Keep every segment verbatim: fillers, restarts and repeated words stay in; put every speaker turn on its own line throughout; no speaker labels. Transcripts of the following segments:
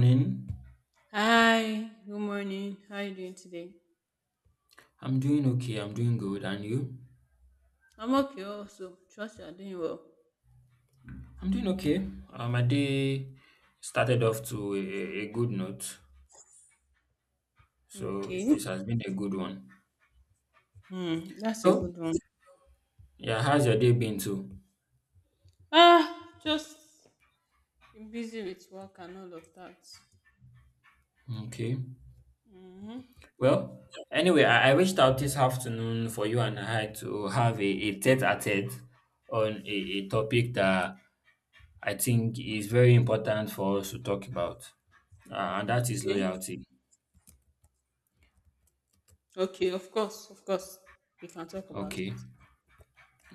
Morning.
Hi, good morning. How are you doing today?
I'm doing okay. I'm doing good. And you?
I'm okay also. Trust you are doing well.
I'm doing okay. Uh, my day started off to a, a good note. So it
Okay.
is, has been a good one.
Hmm, that's a
So,
good one.
yeah, how's your day been too?
Ah, just been busy with work and all of that.
Okay.
Mm-hmm.
Well, anyway, I, I reached out this afternoon for you and I to have a, a tete a tete on a, a topic that I think is very important for us to talk about, uh, and that is
Okay.
loyalty.
Okay, of course, of course. We can talk about
Okay.
it.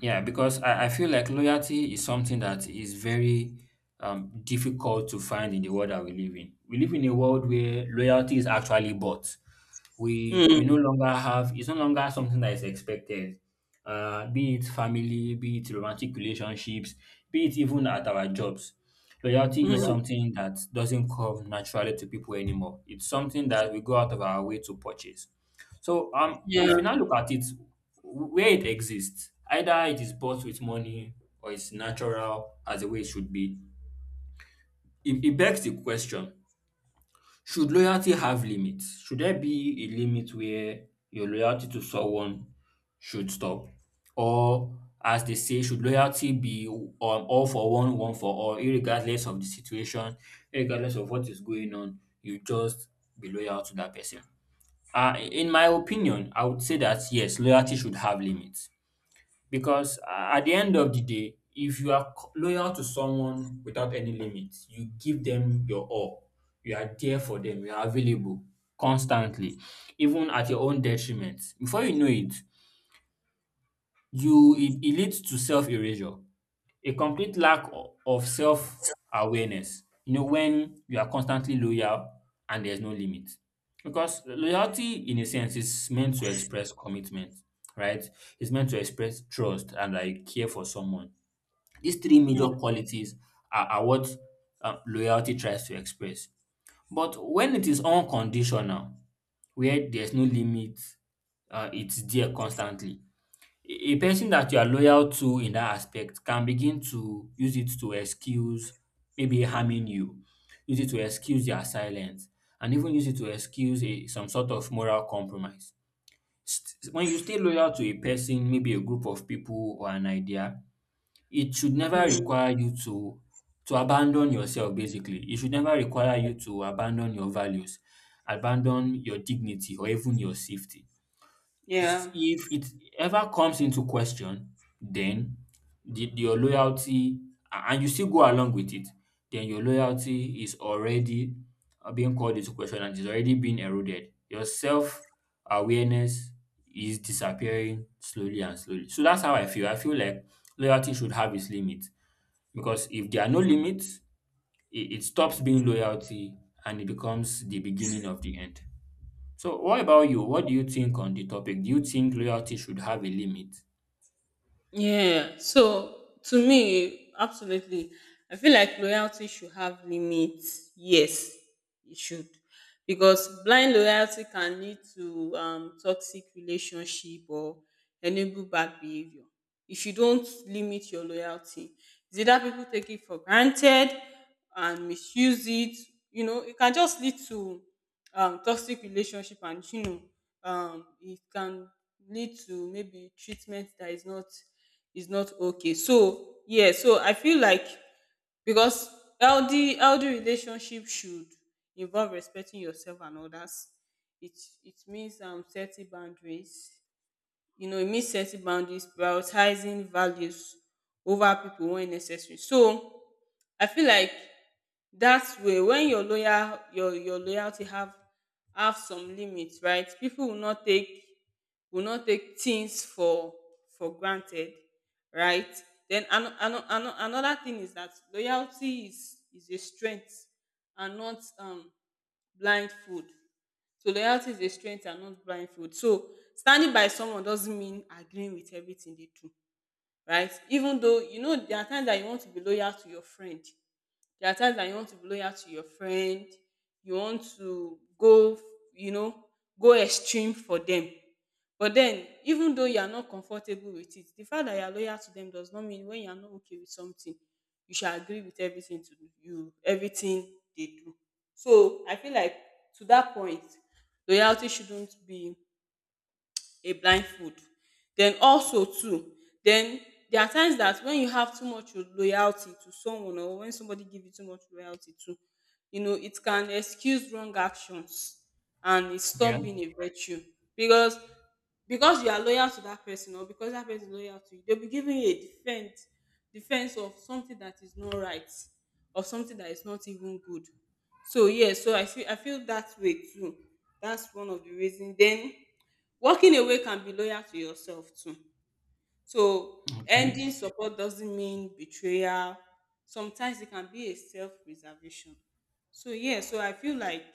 Yeah, because I, I feel like loyalty is something that is very um, difficult to find in the world that we live in. We live in a world where loyalty is actually bought. We we no
Mm,
longer have it's no longer something that is expected. Uh, be it family, be it romantic relationships, be it even at our jobs. Loyalty is
mm,
something that doesn't come naturally to people anymore. It's something that we go out of our way to purchase. So um,
yeah.
if we now look at it, where it exists, either it is bought with money or it's natural as the way it should be. It, it begs the question: should loyalty have limits? Should there be a limit where your loyalty to someone should stop, or as they say, should loyalty be um, all for one, one for all, irregardless of the situation, regardless of what is going on? You just be loyal to that person. Uh, in my opinion, I would say that yes, loyalty should have limits because uh, at the end of the day, if you are co- loyal to someone without any limits, you give them your all. You are there for them. You are available constantly, even at your own detriment. Before you know it, you it, it leads to self erasure. A complete lack o- of self-awareness, you know, when you are constantly loyal and there's no limit. Because loyalty, in a sense, is meant to express commitment, right? It's meant to express trust and like care for someone. These three major
Mm,
qualities are, are what uh, loyalty tries to express. But when it is unconditional, where there's no limit, uh, it's there constantly. A a person that you are loyal to in that aspect can begin to use it to excuse maybe harming you, use it to excuse their silence, and even use it to excuse a some sort of moral compromise. St- When you stay loyal to a person, maybe a group of people or an idea, it should never
mm,
require you to to abandon yourself basically. It should never require you to abandon your values, abandon your dignity or even your safety. s-
yeah.
If it ever comes into question, then the, your loyalty, a- and you still go along with it, then your loyalty is already uh, being called into question and is already being eroded. Your self awareness is disappearing slowly and slowly. So that's how I feel. I feel like loyalty should have its limits because if there are no limits, it, it stops being loyalty and it becomes the beginning of the end. So what about you? What do you think on the topic? Do you think loyalty should have a limit?
Yeah. So to me, absolutely. I feel like loyalty should have limits. Yes, it should. Because blind loyalty can lead to um, toxic relationship or enable bad behavior. If you don't limit your loyalty, it's either people take it for granted and misuse it. You know, it can just lead to um, toxic relationship, and you know um it can lead to maybe treatment that is not is not okay. So yeah, so I feel like, because healthy healthy relationship should involve respecting yourself and others. It it means um setting boundaries. You know it means setting boundaries, prioritizing values over people when necessary. So I feel like that's way when your loyal your your loyalty have have some limits, right? People will not take will not take things for for granted, right? Then ano- ano- ano- another thing is that loyalty is is a strength and not um blindfold. So loyalty is a strength and not blindfold. So standing by someone doesn't mean agreeing with everything they do, right? Even though, you know, there are times that you want to be loyal to your friend, there are times that you want to be loyal to your friend, you want to go, you know, go extreme for them. But then, even though you are not comfortable with it, the fact that you are loyal to them does not mean when you are not okay with something, you should agree with everything to do, you everything they do. So I feel like, to that point, loyalty shouldn't be a blindfold. Then also too, then there are times that when you have too much loyalty to someone or when somebody give you too much loyalty to, you know, it can excuse wrong actions and it
Yeah.
stop being a virtue, because because you are loyal to that person or because that person is loyal to you, they'll be giving you a defense defense of something that is not right or something that is not even good. So yeah, so I feel I feel that way too. That's one of the reasons. Then walking away can be loyal to yourself too. So
Okay.
ending support doesn't mean betrayal. Sometimes it can be a self-preservation. So yeah, so I feel like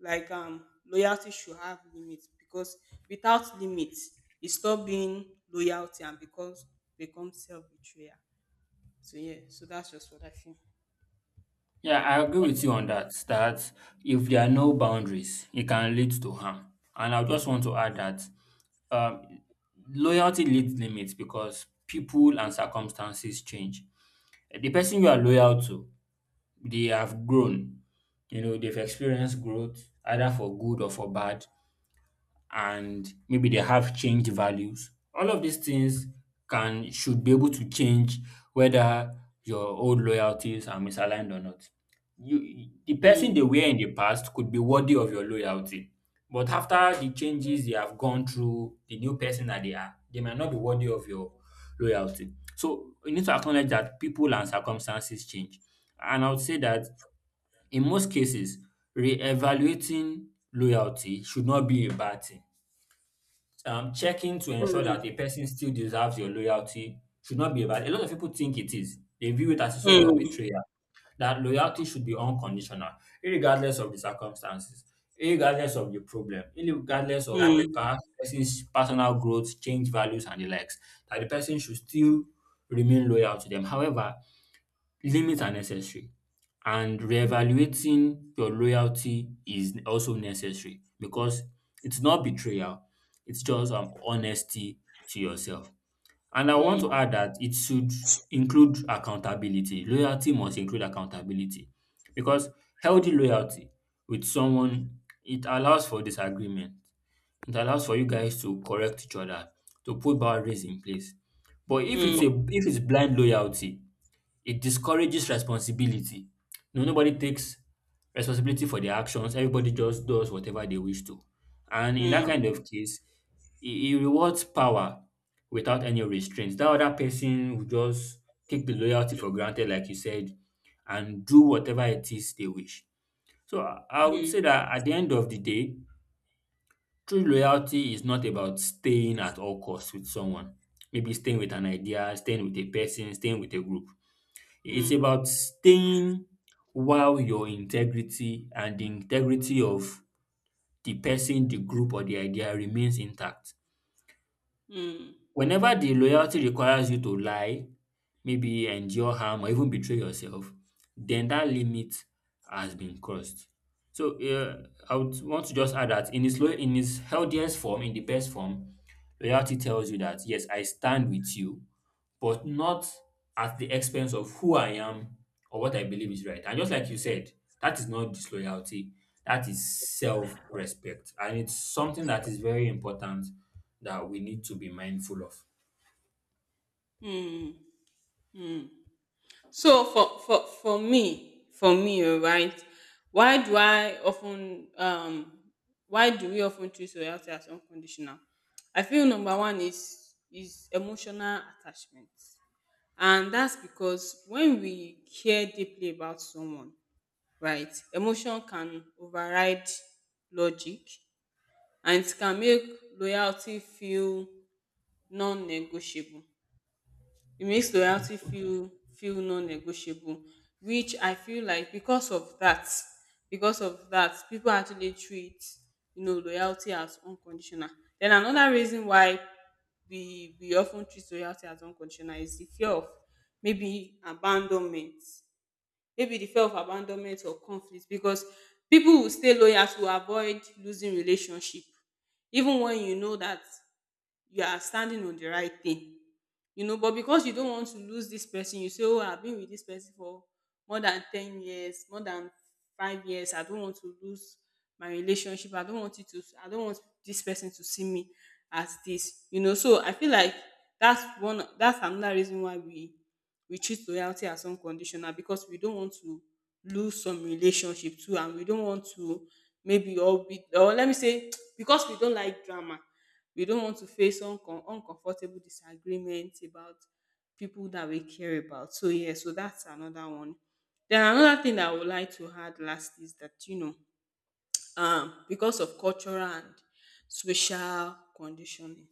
like um loyalty should have limits, because without limits, it stop being loyalty and because become self-betrayal. So yeah, so that's just what I feel.
Yeah, I agree with you on that. That if there are no boundaries, it can lead to harm. And I just want to add that um, loyalty needs limits because people and circumstances change. The person you are loyal to, they have grown. You know, they've experienced growth, either for good or for bad, and maybe they have changed values. All of these things can should be able to change whether your old loyalties are misaligned or not. You the person
Mm,
they were in the past could be worthy of your loyalty. But after the changes they have gone through, the new person that they are, they might not be worthy of your loyalty. So you need to acknowledge that people and circumstances change. And I would say that in most cases, reevaluating loyalty should not be a bad thing. Um, checking to ensure that
mm,
a person still deserves your loyalty should not be about. A lot of people think it is. They view it as a sort of
mm,
betrayal. That loyalty should be unconditional, regardless of the circumstances, regardless of the problem, regardless of
mm,
perhaps person's personal growth, change values, and the likes. That the person should still remain loyal to them. However, limits are necessary and reevaluating your loyalty is also necessary because it's not betrayal, it's just um honesty to yourself. And I
mm,
want to add that it should include accountability. Loyalty must include accountability because healthy loyalty with someone it allows for disagreement. It allows for you guys to correct each other, to put boundaries in place. But if it's a
mm,
if it's blind loyalty, it discourages responsibility. No, nobody takes responsibility for their actions. Everybody just does whatever they wish to. And in that kind
mm,
of case, it, it rewards power without any restraints. That other person will just take the loyalty for granted, like you said, and do whatever it is they wish. So I I would say
mm,
that at the end of the day, true loyalty is not about staying at all costs with someone. Maybe staying with an idea, staying with a person, staying with a group. It's about staying while your integrity and the integrity of the person, the group or the idea remains intact.
mm, mm,
Whenever the loyalty requires you to lie, maybe endure harm or even betray yourself, then that limit has been crossed. So uh, I would want to just add that in its, lo- in its healthiest form, in the best form, loyalty tells you that, yes, I stand with you but not at the expense of who I am or what I believe is right. And just like you said, that is not disloyalty, that is self respect. And it's something that is very important that we need to be mindful of.
mm, mm. So for for for me for me alright, why do I of ten um why do we of ten treat loyalty as unconditional? I feel number one is is emotional attachment, and that's because when we care deeply about someone, right, emotion can override logic, and it can make loyalty feel non-negotiable. It makes loyalty feel feel non-negotiable, which I feel like, because of that, because of that, people actually treat, you know, loyalty as unconditional. Then another reason why we we often treat loyalty as unconditional is the fear of maybe abandonment, maybe the fear of abandonment or conflict, because people will stay loyal to avoid losing relationship even when you know that you are standing on the right thing you know but because you don't want to lose this person, you say, oh, I've been with this person for more than ten years, more than five years. I don't want to lose my relationship. I don't want it to i don't want this person to see me as this you know So I feel like that's one that's another reason why we we treat loyalty as unconditional, because we don't want to lose some relationship too, and we don't want to maybe or we or let me say, because we don't like drama. We don't want to face uncom- uncomfortable disagreements about people that we care about. So yeah, so that's another one. Then another thing that I would like to add last is that, you know, um, because of cultural and social conditioning.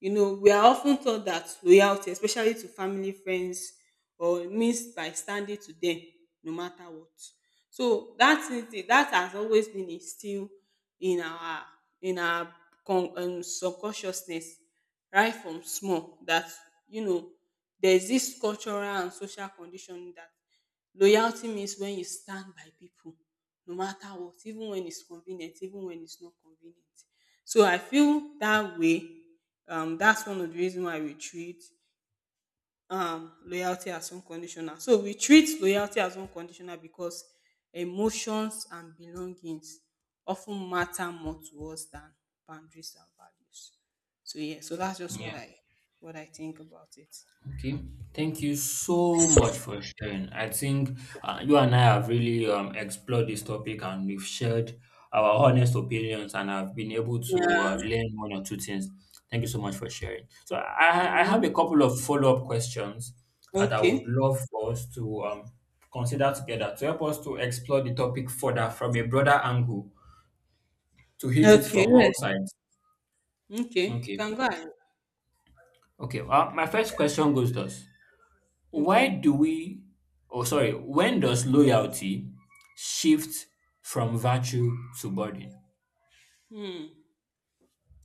You know, we are often taught that loyalty, especially to family, friends, or means by standing to them no matter what. So that is the, that has always been instilled in our in our con- um, subconsciousness right from small, that, you know, there's this cultural and social conditioning that loyalty means when you stand by people no matter what, even when it's convenient, even when it's not convenient. So I feel that way. Um, that's one of the reasons why we treat um, loyalty as unconditional. So we treat loyalty as unconditional because emotions and belongings often matter more to us than boundaries and values. So yeah, so that's just what
Yeah.
I what I think about it.
Okay, thank you so much for sharing. I think uh, you and I have really um, explored this topic and we've shared our honest opinions and I've been able to
Yeah.
uh, learn one or two things. Thank you so much for sharing. So I, I
Yeah.
have a couple of follow-up questions that I would
Okay.
love for us to um, consider together to help us to explore the topic further from a broader angle to hit it
Okay.
from all
Yes.
sides.
Okay. You
Okay.
Can go ahead.
Okay. Well, my first question goes thus. Why
Okay.
do we, oh, sorry, when does loyalty shift from virtue to burden?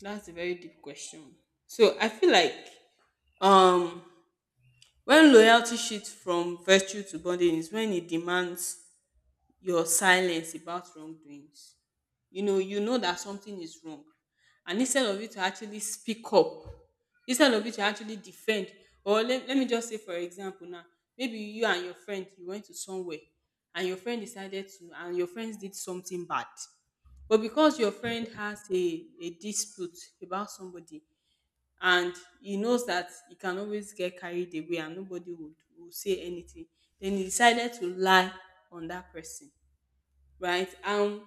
That's a very deep question. So I feel like um when loyalty shifts from virtue to bonding is when it demands your silence about wrongdoings. You know, you know that something is wrong. And instead of you to actually speak up, instead of you to actually defend, or let, let me just say, for example, now, maybe you and your friend, you went to somewhere, and your friend decided to, and your friends did something bad. But because your friend has a, a dispute about somebody, and he knows that he can always get carried away and nobody would, would say anything. Then he decided to lie on that person, right? And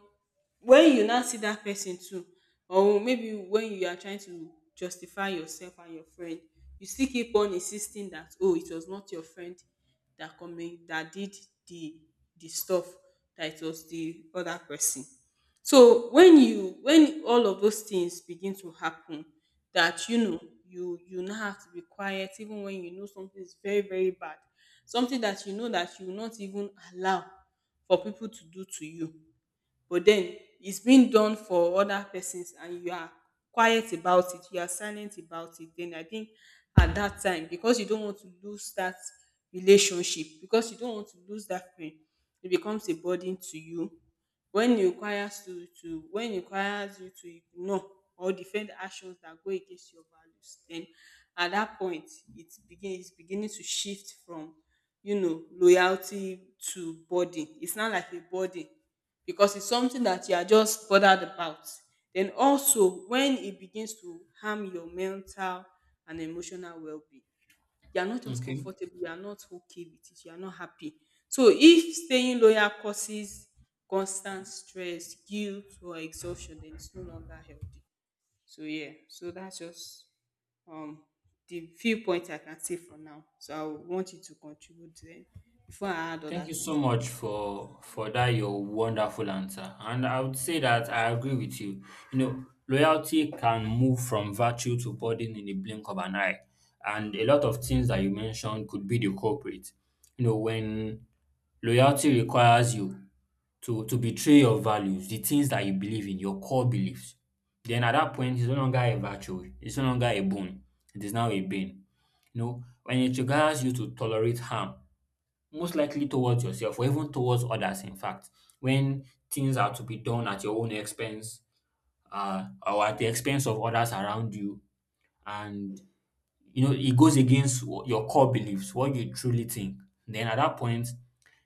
when you now see that person too, or maybe when you are trying to justify yourself and your friend, you still keep on insisting that, oh, it was not your friend that coming that did the the stuff, that it was the other person. So when you, when all of those things begin to happen, that you know you you now have to be quiet even when you know something is very very bad, something that you know that you will not even allow for people to do to you, but then it's being done for other persons, and you are quiet about it, you are silent about it. Then I think, at that time, because you don't want to lose that relationship, because you don't want to lose that friend, it becomes a burden to you. When it requires to to when it requires you to ignore or defend actions that go against your values, then at that point, it begin it's beginning to shift from, you know loyalty to burden. It's not like a burden because it's something that you are just bothered about. Then also, when it begins to harm your mental and emotional well-being, you are not just
Okay.
comfortable, you are not okay with it, you are not happy. So if staying loyal causes constant stress, guilt, or exhaustion, then it's no longer healthy. So yeah, so that's just um the viewpoint I can say for now. So I would want you to contribute then before I add
Thank
other
you so
things.
much for for that your wonderful answer. And I would say that I agree with you. You know, loyalty can move from virtue to burden in the blink of an eye. And a lot of things that you mentioned could be the culprit. You know, when loyalty requires you to to betray your values, the things that you believe in, your core beliefs, then at that point, it's no longer a virtue. It's no longer a bone. It is now a bane. You know, when it requires you to tolerate harm, most likely towards yourself or even towards others, in fact, when things are to be done at your own expense uh, or at the expense of others around you, and you know, it goes against wh- your core beliefs, what you truly think. Then at that point,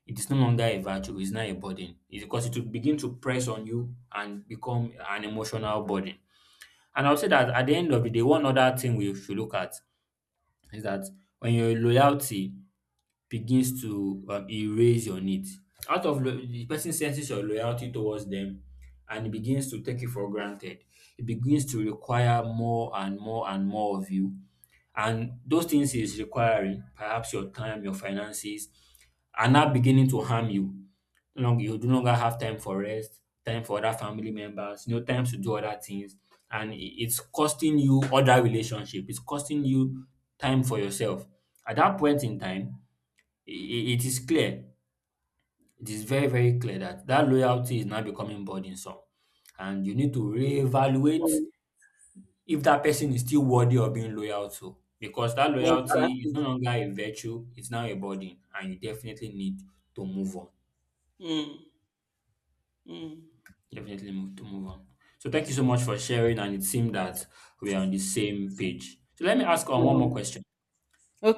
it is no longer a virtue, it's not a burden. It's because it will begin to press on you and become an emotional burden. And I'll say that at the end of the day, one other thing we should look at is that when your loyalty begins to um, erase your needs, out of lo- the person senses your loyalty towards them and it begins to take it for granted. It begins to require more and more and more of you and those things is requiring perhaps your time, your finances are now beginning to harm you. No long- you do no longer have time for rest, time for other family members, you know, time to do other things. And i- it's costing you other relationship. It's costing you time for yourself. At that point in time, i- i- it is clear, it is very, very clear that that loyalty is now becoming burdensome. And you need to reevaluate
Mm,
if that person is still worthy of being loyal to, because that loyalty is
exactly.
no longer a virtue, it's now a burden, and you definitely need to move on.
Mm. Mm.
Definitely move To move on. So thank you so much for sharing, and it seemed that we are on the same page, so let me ask on one more
Mm.
question.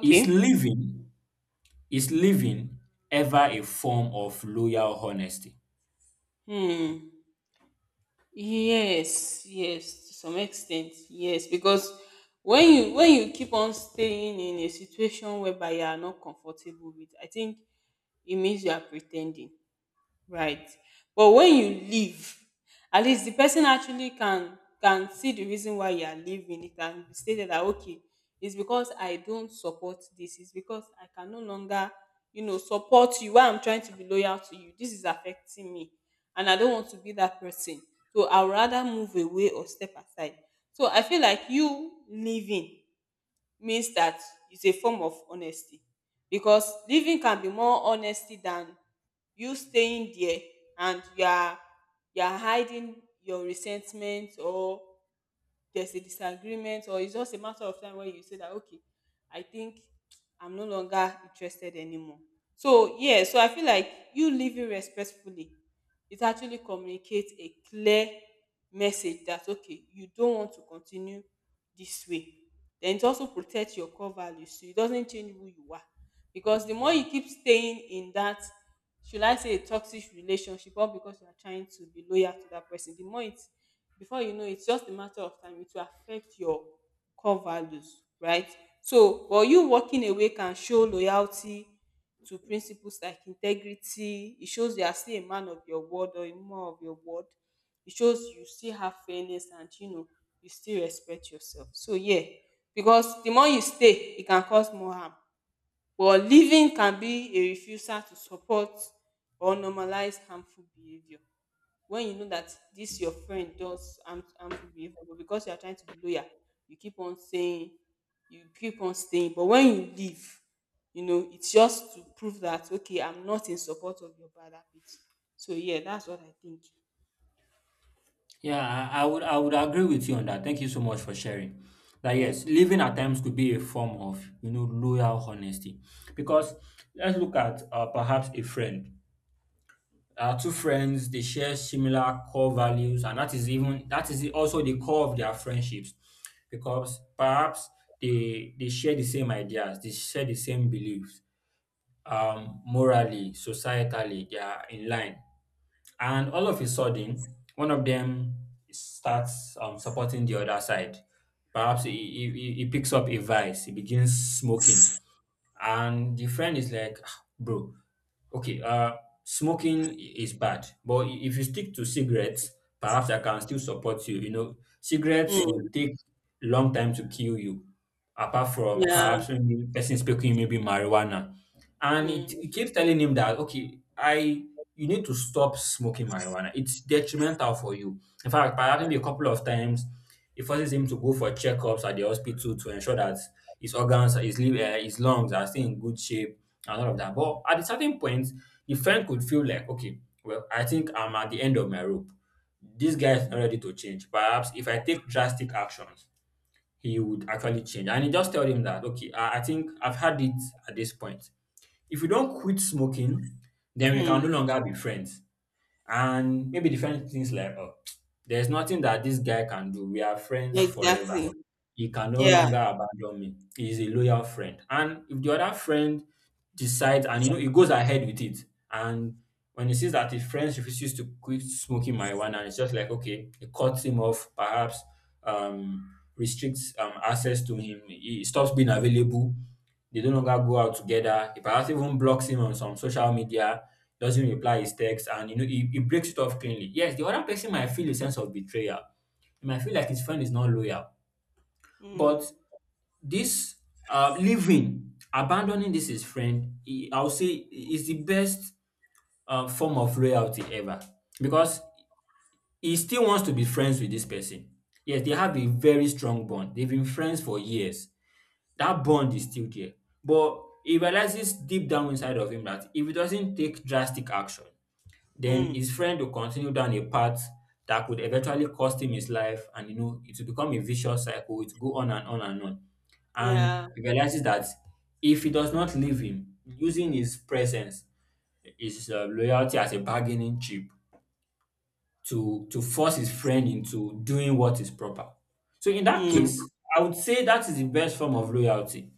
is living is living ever a form of loyal honesty?
Hmm. Yes, yes, to some extent, yes, because when you when you keep on staying in a situation whereby you are not comfortable with, I think it means you are pretending. Right, but when you leave, at least the person actually can can see the reason why you are leaving. It can be stated that, okay, it's because I don't support this, it's because I can no longer, you know support you. Why I'm trying to be loyal to you, this is affecting me, and I don't want to be that person. So I'd rather move away or step aside. So I feel like you leaving means that it's a form of honesty, because leaving can be more honesty than you staying there and you are you are hiding your resentment, or there's a disagreement, or it's just a matter of time where you say that, okay, I think I'm no longer interested anymore. So yeah, so I feel like you living respectfully, it actually communicates a clear message that, okay, you don't want to continue this way. Then it also protects your core values, so it doesn't change who you are. Because the more you keep staying in that, should I say, a toxic relationship, or because you are trying to be loyal to that person, the more it, before you know, it's just a matter of time, it will affect your core values, right? So but you walking away can show loyalty to principles like integrity. It shows you are still a man of your word or a woman of your word. It shows you still have fairness and, you know you still respect yourself, so yeah. Because the more you stay, it can cause more harm. But leaving can be a refusal to support or normalize harmful behaviour. When you know that this your friend does harm- harmful behavior, but because you are trying to be loyal, you keep on saying, you keep on staying. But when you leave, you know it's just to prove that, okay, I'm not in support of your bad habits. So yeah, that's what I think.
Yeah, I, I would I would agree with you on that. Thank you so much for sharing. That
Yeah.
yes, living at times could be a form of you know loyal honesty, because let's look at uh, perhaps a friend. Our two friends they share similar core values, and that is even that is also the core of their friendships, because perhaps they they share the same ideas, they share the same beliefs, um, morally, societally, they are in line and all of a sudden, one of them starts um, supporting the other side. Perhaps he, he, he he picks up a vice, he begins smoking. And the friend is like, "Ah, bro, okay, uh, smoking i- is bad, but i- if you stick to cigarettes, perhaps I can still support you. You know, cigarettes
Mm,
will take long time to kill you, apart from
yeah.
perhaps maybe person smoking maybe marijuana and it,
Mm.
it keeps telling him that okay I you need to stop smoking marijuana, it's detrimental for you. In fact, by having me a couple of times, it forces him to go for checkups at the hospital to ensure that his organs, his liver, uh, his lungs are still in good shape and all of that. But at a certain point the friend could feel like, okay, well, I think I'm at the end of my rope, this guy is not ready to change. Perhaps if I take drastic actions, he would actually change. And he just told him that okay i, I think I've had it. At this point, if we don't quit smoking, then we can
Mm,
no longer be friends. And maybe different things like, oh, there's nothing that this guy can do. We are friends forever.
exactly.
He can no
Yeah.
longer abandon me. He is a loyal friend. And if the other friend decides and you know he goes ahead with it, and when he sees that his friend refuses to quit smoking marijuana, and it's just like, okay, it cuts him off, perhaps um restricts um access to him, he stops being available, they no longer go out together. He perhaps even blocks him on some social media, doesn't reply his text, and you know he, he breaks it off cleanly. Yes, the other person might feel a sense of betrayal. He might feel like his friend is not loyal. But
Mm.
this uh, leaving, abandoning this his friend, he, I'll say is the best uh, form of loyalty ever because he still wants to be friends with this person. Yes, they have a very strong bond. They've been friends for years. That bond is still there. But he realizes deep down inside of him that if he doesn't take drastic action, then his
Mm,
friend will continue down a path that could eventually cost him his life, and you know it will become a vicious cycle. It will go on and on and on. And
yeah.
he realizes that if he does not leave him, using his presence, his uh, loyalty as a bargaining chip, to to force his friend into doing what is proper. So in that
Mm.
case, I would say that is the best form of loyalty.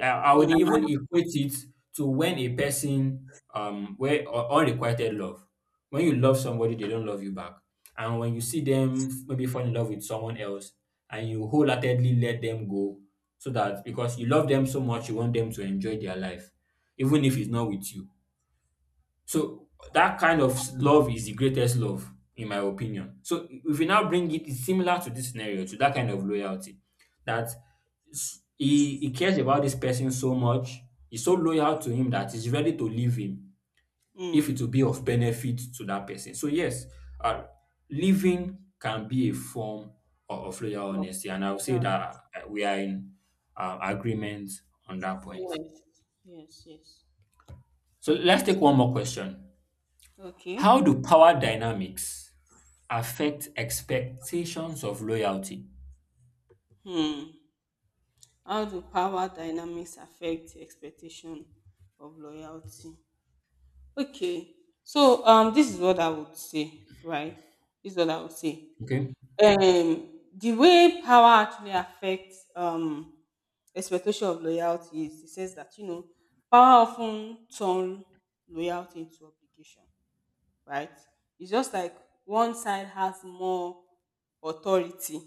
I, I would even
Mm,
equate it to when a person um where u- unrequited love. When you love somebody, they don't love you back. And when you see them f- maybe fall in love with someone else and you wholeheartedly let them go so that because you love them so much you want them to enjoy their life, even if it's not with you. So that kind of love is the greatest love, in my opinion. So if we now bring it, it's similar to this scenario, to that kind of loyalty, that s- he, he cares about this person so much, he's so loyal to him that he's ready to leave him if
mm.
it will be of benefit to that person. So yes, uh, living can be a form of, of loyal
Yeah.
honesty, and I would say that uh, we are in uh, agreement on that point.
Yes, yes. Yes, yes.
So let's
Yes.
take one more question.
Okay.
How do power dynamics affect expectations of loyalty.
Hmm. How do power dynamics affect expectation of loyalty? Okay, so um, this is what I would say, right? This is what I would say.
Okay.
Um, the way power actually affects um expectation of loyalty is, it says that, you know power often turn loyalty into obligation, right? It's just like one side has more authority,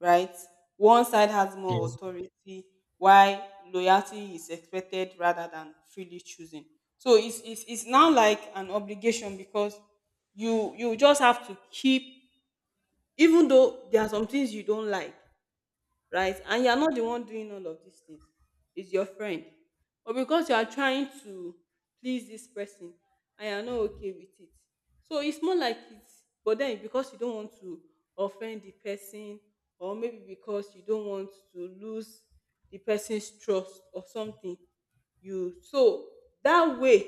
right? One side has more
Yes.
authority, while loyalty is expected rather than freely choosing. So it's, it's, it's now like an obligation, because you you just have to keep, even though there are some things you don't like, right? And you are not the one doing all of these things, it's your friend. But because you are trying to please this person and you are not okay with it, so it's more like it's, but then because you don't want to offend the person, or maybe because you don't want to lose the person's trust or something, you so that way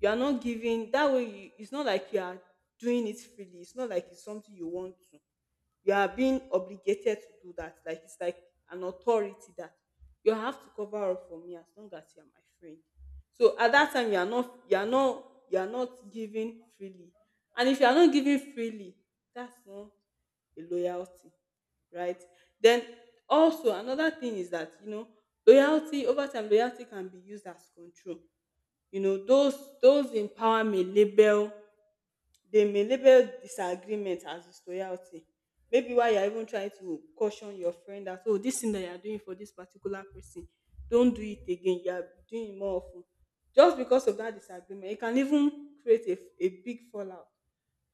you are not giving, that way you, it's not like you are doing it freely, it's not like it's something you want to, you are being obligated to do that. Like it's like an authority that you have to cover up for me as long as you are my friend. So at that time you are not you are not you are not giving freely. And if you are not giving freely, that's not a loyalty, right? Then also another thing is that, you know loyalty over time, loyalty can be used as control. You know, those those in power may label they may label disagreement as disloyalty. Maybe why you're even trying to caution your friend that, oh, this thing that you're doing for this particular person, don't do it again. You're doing it more often. Just because of that disagreement, it can even create a a big fallout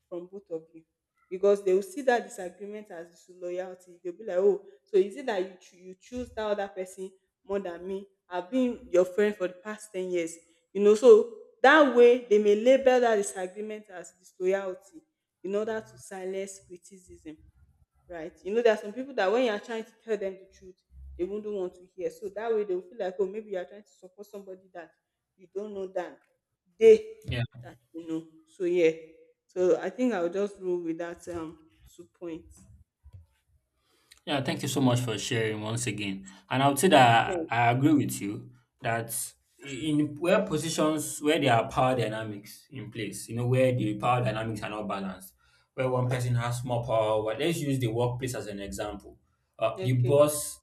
from both of you, because they will see that disagreement as disloyalty. They'll be like, oh, so is it that you, choo- you choose that other person more than me? I've been your friend for the past ten years. You know, so that way they may label that disagreement as disloyalty in order to silence criticism, right? You know, there are some people that when you are trying to tell them the truth, they wouldn't want to hear. So that way they'll feel like, oh, maybe you are trying to support somebody that you don't know that they,
Yeah.
you know. So yeah. So I think I'll just roll with that um two points.
Yeah. Thank you so much for sharing once again. And I would say
Yeah.
that I agree with you that in where positions where there are power dynamics in place, you know, where the power dynamics are not balanced, where one person has more power, well, let's use the workplace as an example. Uh, the
Okay.
boss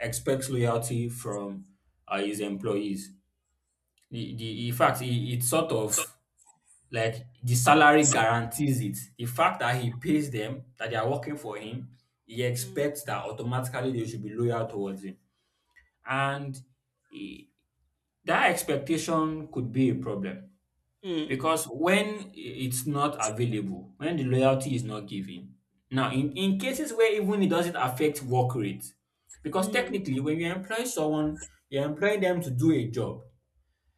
expects loyalty from uh, his employees. The, the, in fact, it, it sort of like the salary guarantees it. The fact that he pays them, that they are working for him, he
Mm.
expects that automatically they should be loyal towards him. And eh, that expectation could be a problem
Mm.
because when i- it's not available, when the loyalty is not given, now in, in cases where even it doesn't affect work rate, because
Mm.
technically when you employ someone, you're employing them to do a job.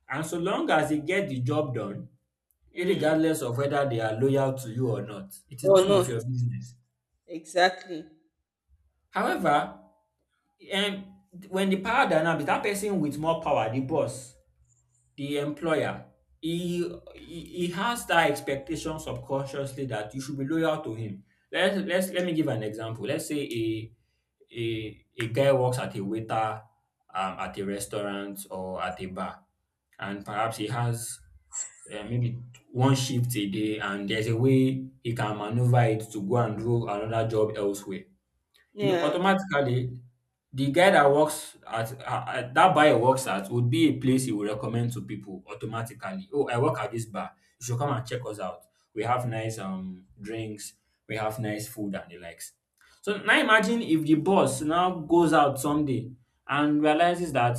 And so long as they get the job done,
Mm.
irregardless of whether they are loyal to you or not, it is
Or
none of
not.
your business.
Exactly.
However, um, when the power dynamic, that person with more power, the boss, the employer, he he he has that expectation subconsciously that you should be loyal to him. Let's let's let me give an example. Let's say a a a guy works at a waiter um, at a restaurant or at a bar, and perhaps he has uh, maybe one shift a day, and there's a way he can maneuver it to go and do another job elsewhere. You know,
Yeah.
automatically, the guy that works at, at, at- that buyer works at would be a place he would recommend to people automatically. Oh, I work at this bar. You should come and check us out. We have nice um drinks. We have nice food and the likes. So now imagine if the boss now goes out someday and realizes that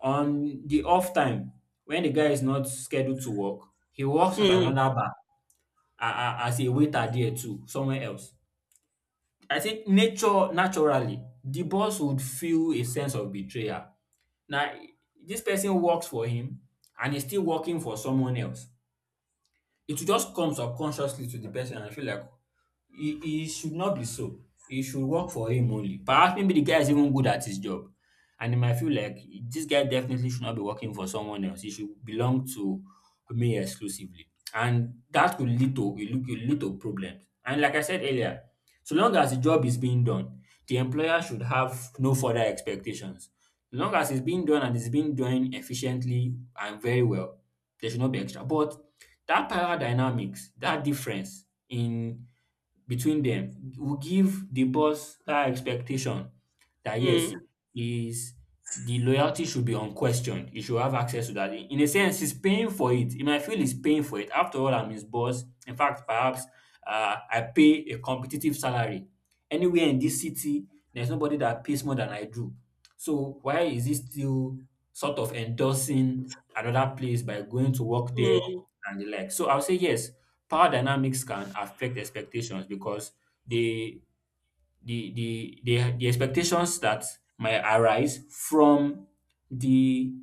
on the off time when the guy is not scheduled to work, he works at
Mm.
another bar a- a- as a waiter there too, somewhere else. I think nature naturally the boss would feel a sense of betrayal. Now, this person works for him and he's still working for someone else. It will just come subconsciously to the person and feel like e e should not be so. He should work for him only. Perhaps maybe the guy is even good at his job and he might feel like this guy definitely should not be working for someone else. He should belong to me exclusively, and that could lead to, it could lead to problems. And like I said earlier, so long as the job is being done, the employer should have no further expectations. So long as it's being done and it's being done efficiently and very well, there should not be extra. But that power dynamics, that difference in between them will give the boss that expectation that yes,
Mm.
is the loyalty should be unquestioned. He should have access to that. In a sense, he's paying for it. He might feel he's paying for it. After all, I'm his boss. In fact, perhaps uh, I pay a competitive salary. Anywhere in this city, there's nobody that pays more than I do. So why is he still sort of endorsing another place by going to work there
Mm.
and the like? So I'll say yes, power dynamics can affect expectations because they the the the the expectations that might arise from the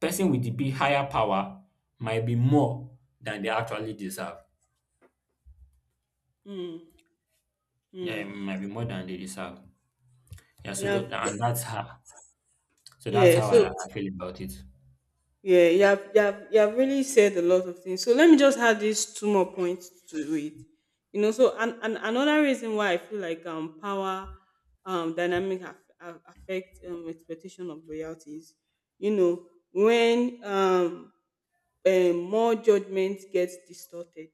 person with the big higher power might be more than they actually deserve.
Mm,
Yeah, it
mm.
might be more than they deserve. Yeah,
You
so
have,
that, and that's how so that's
yeah,
how I,
so
I feel about it.
yeah, you have, you have you have really said a lot of things. So let me just add these two more points to it. You know, so and, and another reason why I feel like um power um dynamic aff- aff- affect um expectation of loyalties. You know, when um um, more judgment gets distorted,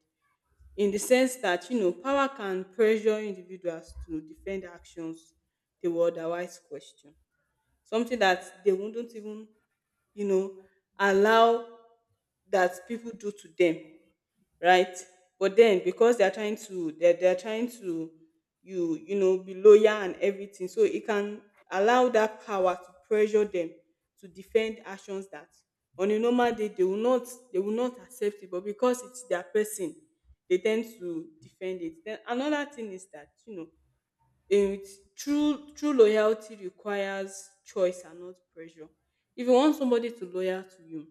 in the sense that, you know power can pressure individuals to defend actions they would otherwise question, something that they wouldn't even, you know allow that people do to them, right? But then because they are trying to, they're, they're trying to, you you know be loyal and everything, so it can allow that power to pressure them to defend actions that, on a normal day, they will not they will not accept it. But because it's their person, they tend to defend it. Then another thing is that, you know it true true loyalty requires choice and not pressure. If you want somebody to loyal to you,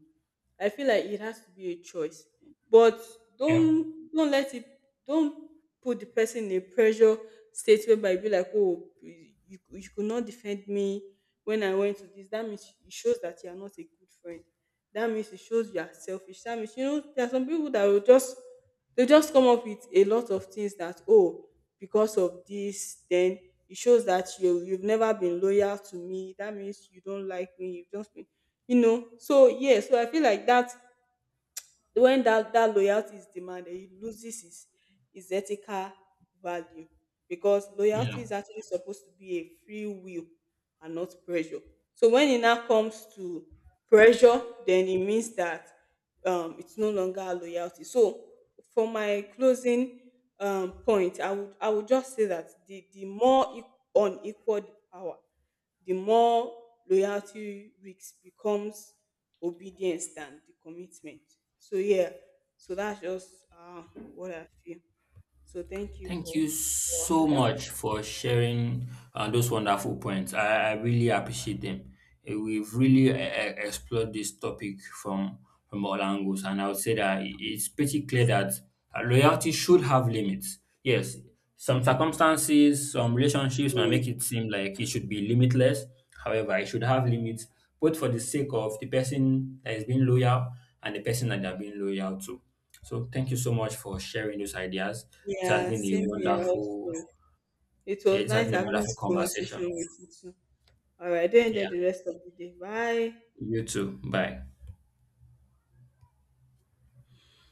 I feel like it has to be a choice. But
Yeah.
don't don't let it don't put the person in a pressure state whereby you be like, oh, you you could not defend me when I went to this. That means it shows that you are not a good friend. That means it shows you are selfish. That means, you know there are some people that will just, they just come up with a lot of things that, oh, because of this, then it shows that you you've never been loyal to me, that means you don't like me, you've just been, you know so yeah, so I feel like that when that that loyalty is demanded, it loses its its ethical value, because loyalty is
Yeah.
actually supposed to be a free will and not pressure. So when it now comes to pressure, then it means that um it's no longer loyalty. So for my closing um point, i would i would just say that the the more e- unequal the power, the more loyalty weeks becomes obedience than the commitment. So yeah, so that's just uh, what I feel. So thank you
Thank
for
you so
that.
much for sharing uh, those wonderful points. I, I really appreciate them. Eh, we've really uh, explored this topic from from all angles, and I would say that i- it's pretty clear that uh, loyalty should have limits. Yes, some circumstances, some relationships might make
Mm.
it seem like it should be limitless. However, it should have limits, both for the sake of the person that is being loyal and the person that they are being loyal to. So thank you so much for sharing those ideas. It has
Yeah,
been a
same here
wonderful,
also. It was
it has
nice
been a
having
wonderful
this
conversation.
conversation with you too. All right, do enjoy
Yeah.
the rest of the day. Bye.
You too. Bye.